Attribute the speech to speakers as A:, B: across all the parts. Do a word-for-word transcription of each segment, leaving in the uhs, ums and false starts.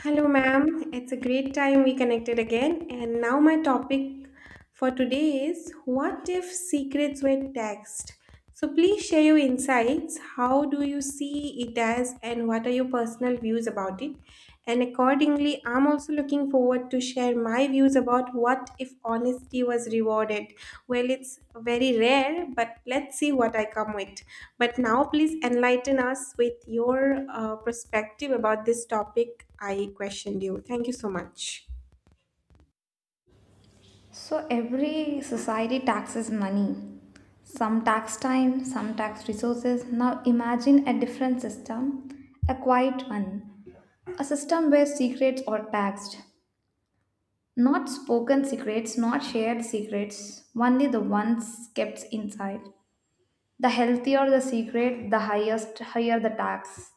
A: Hello, ma'am. It's a great time we connected again. And now, my topic for today is what if secrets were text? So, please share your insights. How do you see it as, and what are your personal views about it? And accordingly, I'm I'm also looking forward to share my views about what if honesty was rewarded. Well, it's very rare, but let's see what I come with. But now, please enlighten us with your uh, perspective about this topic I questioned you. Thank you so much.
B: So every society taxes money. Some tax time, some tax resources. Now imagine a different system, a quiet one, a system where secrets are taxed. Not spoken secrets, not shared secrets, only the ones kept inside. The healthier the secret, the highest higher the tax.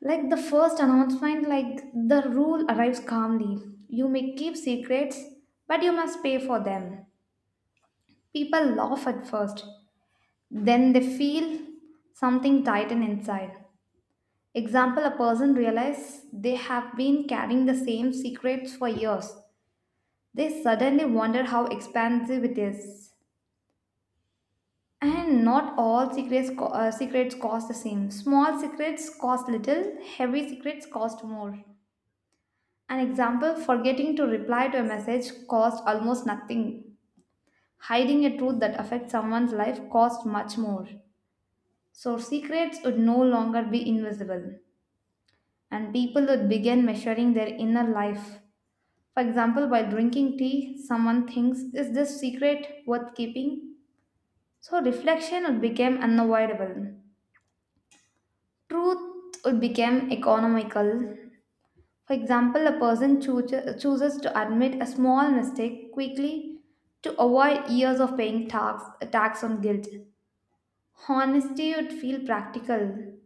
B: Like the first announcement, like the rule arrives calmly. You may keep secrets, but you must pay for them. People laugh at first, then they feel something tighten inside. Example, a person realizes they have been carrying the same secrets for years. They suddenly wonder how expansive it is. And not all secrets, co- uh, secrets cost the same. Small secrets cost little, heavy secrets cost more. An example, forgetting to reply to a message cost almost nothing. Hiding a truth that affects someone's life costs much more. So secrets would no longer be invisible, and people would begin measuring their inner life. For example, by drinking tea, someone thinks, is this secret worth keeping? So reflection would become unavoidable. Truth would become economical. For example, a person chooses chooses to admit a small mistake quickly to avoid years of paying tax, tax on guilt. Honesty would feel practical.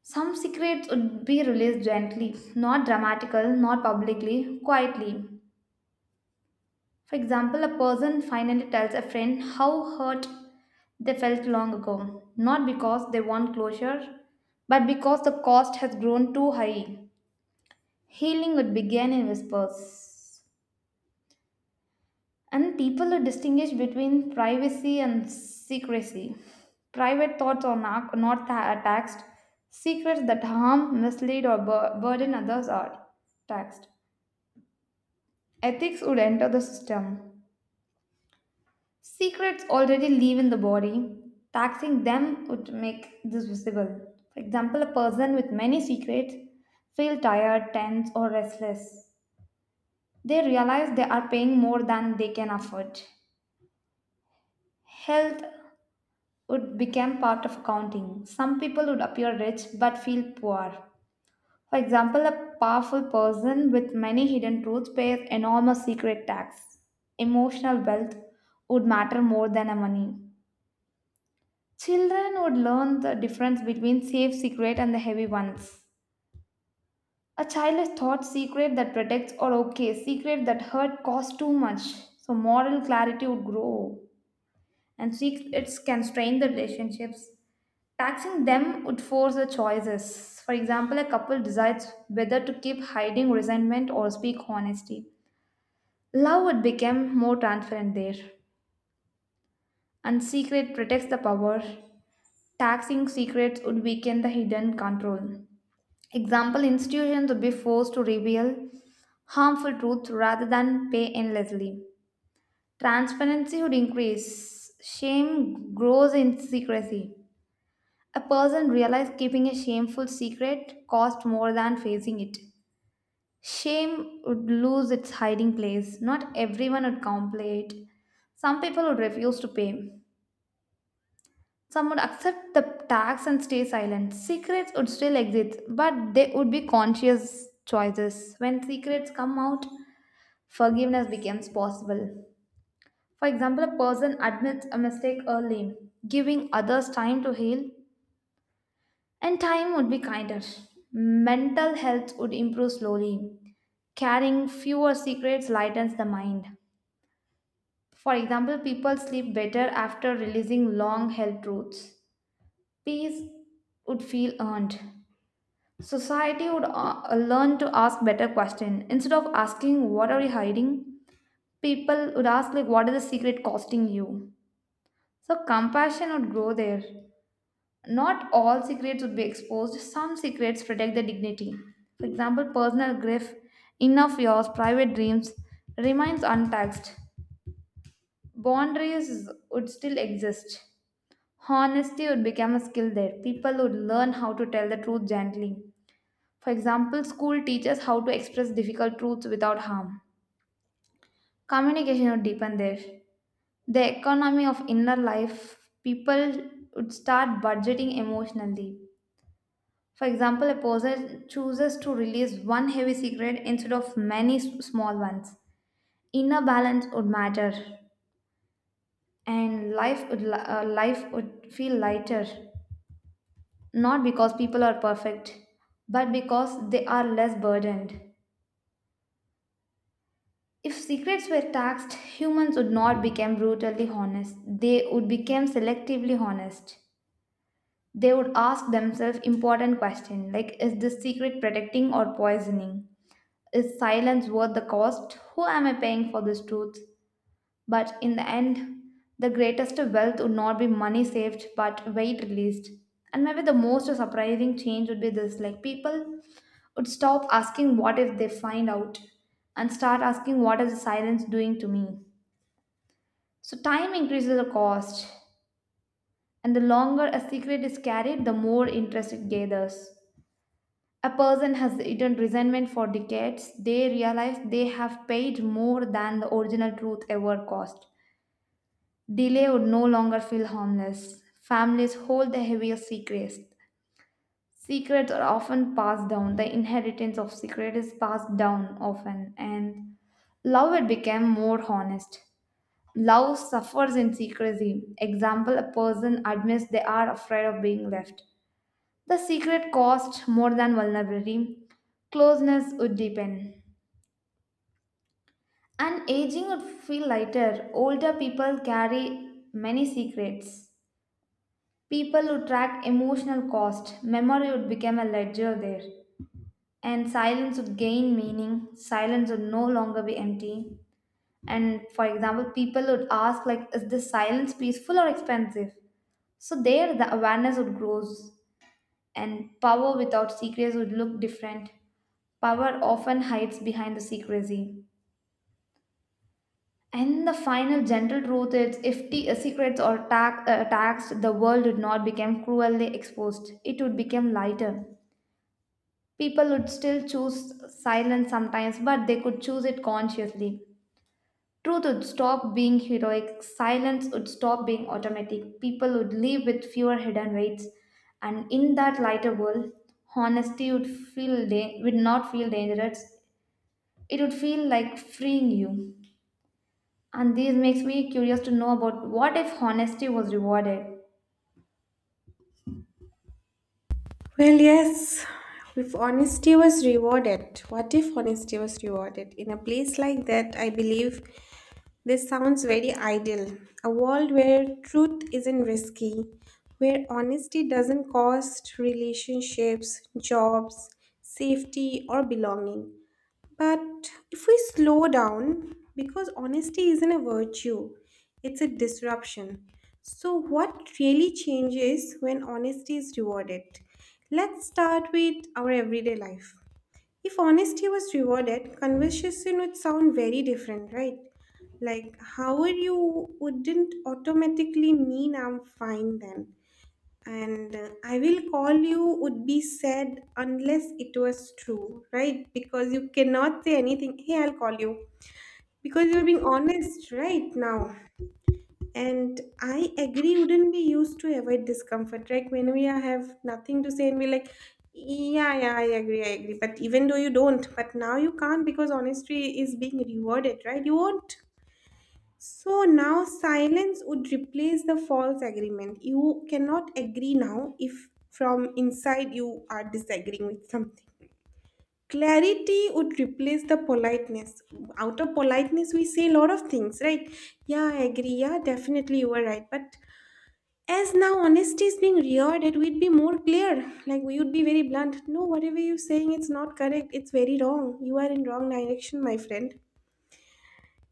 B: Some secrets would be released gently, not dramatical, not publicly, quietly. For example, a person finally tells a friend how hurt they felt long ago, not because they want closure, but because the cost has grown too high. Healing would begin in whispers. And people who distinguish between privacy and secrecy. Private thoughts are not, not ta- taxed. Secrets that harm, mislead, or bur- burden others are taxed. Ethics would enter the system. Secrets already live in the body. Taxing them would make this visible. For example, a person with many secrets feel tired, tense, or restless. They realize they are paying more than they can afford. Health would become part of counting. Some people would appear rich but feel poor. For example, a powerful person with many hidden truths pays enormous secret tax. Emotional wealth would matter more than a money. Children would learn the difference between safe secret and the heavy ones. A child is taught secret that protects or okay, secret that hurt costs too much. So moral clarity would grow, and secrets can strain the relationships. Taxing them would force the choices. For example, a couple decides whether to keep hiding resentment or speak honesty. Love would become more transparent there. And secret protects the power. Taxing secrets would weaken the hidden control. Example, institutions would be forced to reveal harmful truth rather than pay endlessly. Transparency would increase. Shame grows in secrecy. A person realized keeping a shameful secret cost more than facing it. Shame would lose its hiding place. Not everyone would complete. Some people would refuse to pay. Some would accept the tax and stay silent. Secrets would still exist, but they would be conscious choices. When secrets come out, forgiveness becomes possible. For example, a person admits a mistake early, giving others time to heal. And time would be kinder. Mental health would improve slowly. Carrying fewer secrets lightens the mind. For example, people sleep better after releasing long held truths. Peace would feel earned. Society would uh, learn to ask better questions. Instead of asking, what are you hiding? People would ask, like, what is the secret costing you? So compassion would grow there. Not all secrets would be exposed. Some secrets protect their dignity. For example, personal grief, enough yours, private dreams remains untouched. Boundaries would still exist. Honesty would become a skill there. People would learn how to tell the truth gently. For example, school teaches how to express difficult truths without harm. Communication would deepen there. The economy of inner life, people would start budgeting emotionally. For example, a poser chooses to release one heavy cigarette instead of many s- small ones. Inner balance would matter, and life would li- uh, life would feel lighter. Not because people are perfect, but because they are less burdened. If secrets were taxed, humans would not become brutally honest. They would become selectively honest. They would ask themselves important questions like, is this secret protecting or poisoning? Is silence worth the cost? Who am I paying for this truth? But in the end, the greatest wealth would not be money saved but weight released. And maybe the most surprising change would be this, like people would stop asking what if they find out, and start asking what is the silence doing to me. So time increases the cost, and the longer a secret is carried, the more interest it gathers. A person has eaten resentment for decades, they realize they have paid more than the original truth ever cost. Delay would no longer feel harmless. Families hold the heaviest secrets. Secrets are often passed down. The inheritance of secret is passed down often, and love had become more honest. Love suffers in secrecy. Example: a person admits they are afraid of being left. The secret cost more than vulnerability. Closeness would deepen. And aging would feel lighter. Older people carry many secrets. People would track emotional cost. Memory would become a ledger there. And silence would gain meaning. Silence would no longer be empty. And for example, people would ask like, is this silence peaceful or expensive? So there the awareness would grows. And power without secrets would look different. Power often hides behind the secrecy. And the final gentle truth is, if t- uh, secrets are ta- uh, taxed, the world would not become cruelly exposed. It would become lighter. People would still choose silence sometimes, but they could choose it consciously. Truth would stop being heroic, silence would stop being automatic, people would live with fewer hidden weights, and in that lighter world, honesty would feel da- would not feel dangerous. It would feel like freeing you. And this makes me curious to know about, what if honesty was rewarded?
A: Well, yes, if honesty was rewarded, what if honesty was rewarded? In a place like that, I believe this sounds very ideal. A world where truth isn't risky, where honesty doesn't cost relationships, jobs, safety, or belonging. But if we slow down, because honesty isn't a virtue, it's a disruption. So, what really changes when honesty is rewarded? Let's start with our everyday life. If honesty was rewarded, conversation would sound very different, right? Like, how are you wouldn't automatically mean I'm fine then and uh, I will call you would be said unless it was true, right? Because you cannot say anything, hey, I'll call you, because you're being honest right now. And I agree wouldn't be used to avoid discomfort, right? When we are- have nothing to say and we're like, yeah yeah I agree, I agree, but even though you don't, but now you can't because honesty is being rewarded, right? You won't. So now silence would replace the false agreement. You cannot agree now if from inside you are disagreeing with something. Clarity would replace the politeness. Out of politeness, we say a lot of things, right? Yeah, I agree. Yeah, definitely you were right. But as now honesty is being reared, it would be more clear. Like we would be very blunt. No, whatever you're saying, it's not correct. It's very wrong. You are in wrong direction, my friend.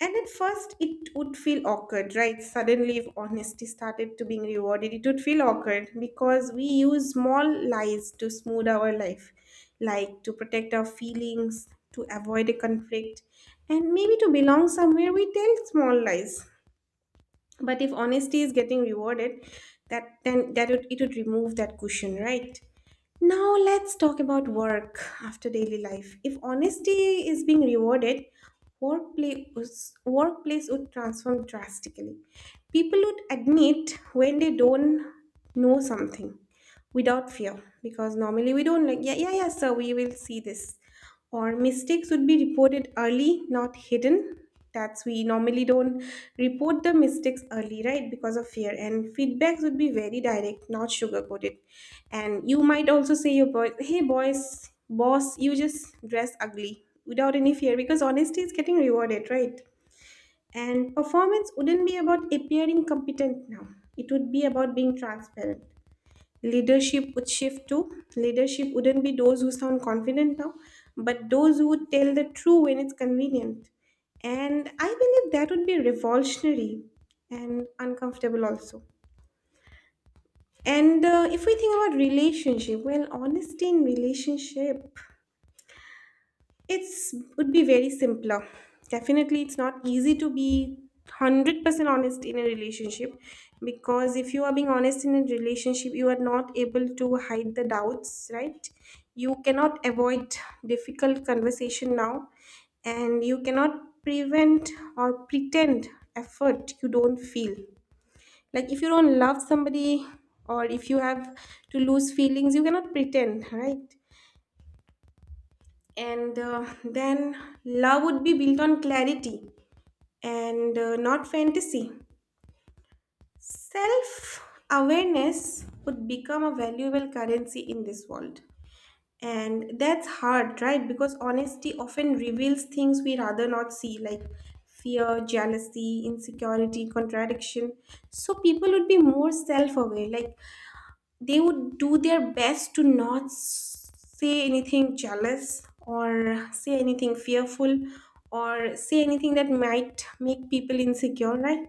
A: And at first, it would feel awkward, right? Suddenly, if honesty started to being rewarded, it would feel awkward because we use small lies to smooth our life, like to protect our feelings, to avoid a conflict, and maybe to belong somewhere. We tell small lies, but if honesty is getting rewarded, that then that would, it would remove that cushion, right? Now let's talk about work. After daily life, if honesty is being rewarded, workplace workplace would transform drastically. People would admit when they don't know something without fear, because normally we don't, like, yeah, yeah, yeah sir, we will see this. Or mistakes would be reported early, not hidden. That's we normally don't report the mistakes early, right? Because of fear. And feedbacks would be very direct, not sugar coated. And you might also say your boy, hey boys boss, you just dress ugly without any fear because honesty is getting rewarded, right? And performance wouldn't be about appearing competent now, it would be about being transparent. Leadership would shift too. Leadership wouldn't be those who sound confident now, but those who would tell the truth when it's convenient. And I believe that would be revolutionary and uncomfortable also. And uh, if we think about relationship, well, honesty in relationship, it's would be very simpler. Definitely, it's not easy to be one hundred percent honest in a relationship because if you are being honest in a relationship, you are not able to hide the doubts, right? You cannot avoid difficult conversation now, and you cannot prevent or pretend effort you don't feel. Like if you don't love somebody or if you have to lose feelings, you cannot pretend, right? And uh, then love would be built on clarity and uh, not fantasy. Self awareness would become a valuable currency in this world. And that's hard, right? Because honesty often reveals things we rather not see, like fear, jealousy, insecurity, contradiction. So people would be more self aware, like they would do their best to not s- say anything jealous or say anything fearful or say anything that might make people insecure, right?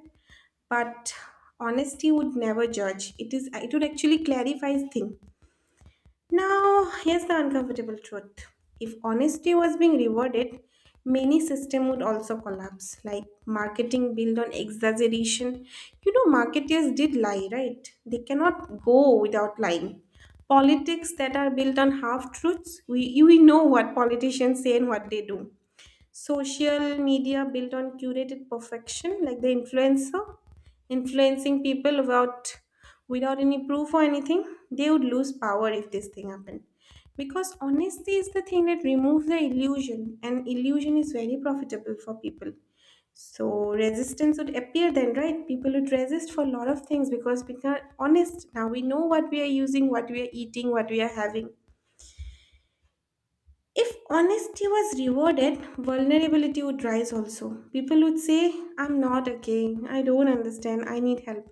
A: But honesty would never judge it, is it would actually clarify things. Now, here's the uncomfortable truth. If honesty was being rewarded, many systems would also collapse, like marketing built on exaggeration. You know, marketers did lie, right? They cannot go without lying. Politics that are built on half truths, we, you- we know what politicians say and what they do. Social media built on curated perfection, like the influencer influencing people without without any proof or anything, they would lose power if this thing happened, because honesty is the thing that removes the illusion, and illusion is very profitable for people. So resistance would appear then, right? People would resist for a lot of things because we are honest now. We know what we are using, what we are eating, what we are having. If honesty was rewarded, vulnerability would rise also. People would say, I'm not okay, I don't understand, I need help.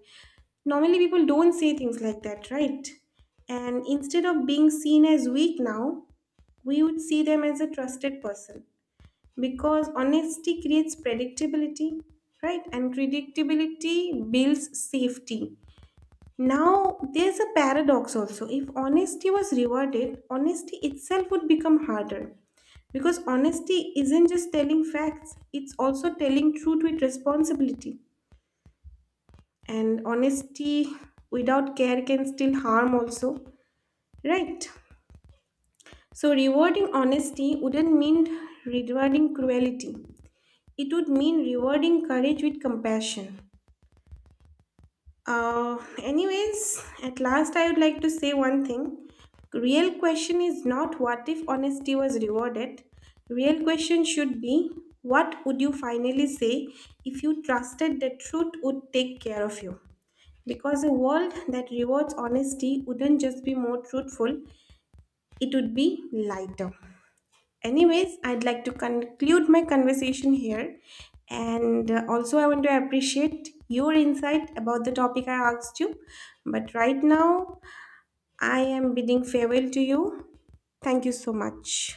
A: Normally, people don't say things like that, right? And instead of being seen as weak now, we would see them as a trusted person because honesty creates predictability, right? And predictability builds safety. Now, there's a paradox also. If honesty was rewarded, honesty itself would become harder because honesty isn't just telling facts, it's also telling truth with responsibility. And honesty without care can still harm also, right? So, rewarding honesty wouldn't mean rewarding cruelty, it would mean rewarding courage with compassion. Uh, anyways, at last I would like to say one thing. Real question is not what if honesty was rewarded. Real question should be what would you finally say if you trusted that truth would take care of you? Because a world that rewards honesty wouldn't just be more truthful, it would be lighter. Anyways, I'd like to conclude my conversation here. And uh, also, I want to appreciate your insight about the topic I asked you. But right now, I am bidding farewell to you. Thank you so much.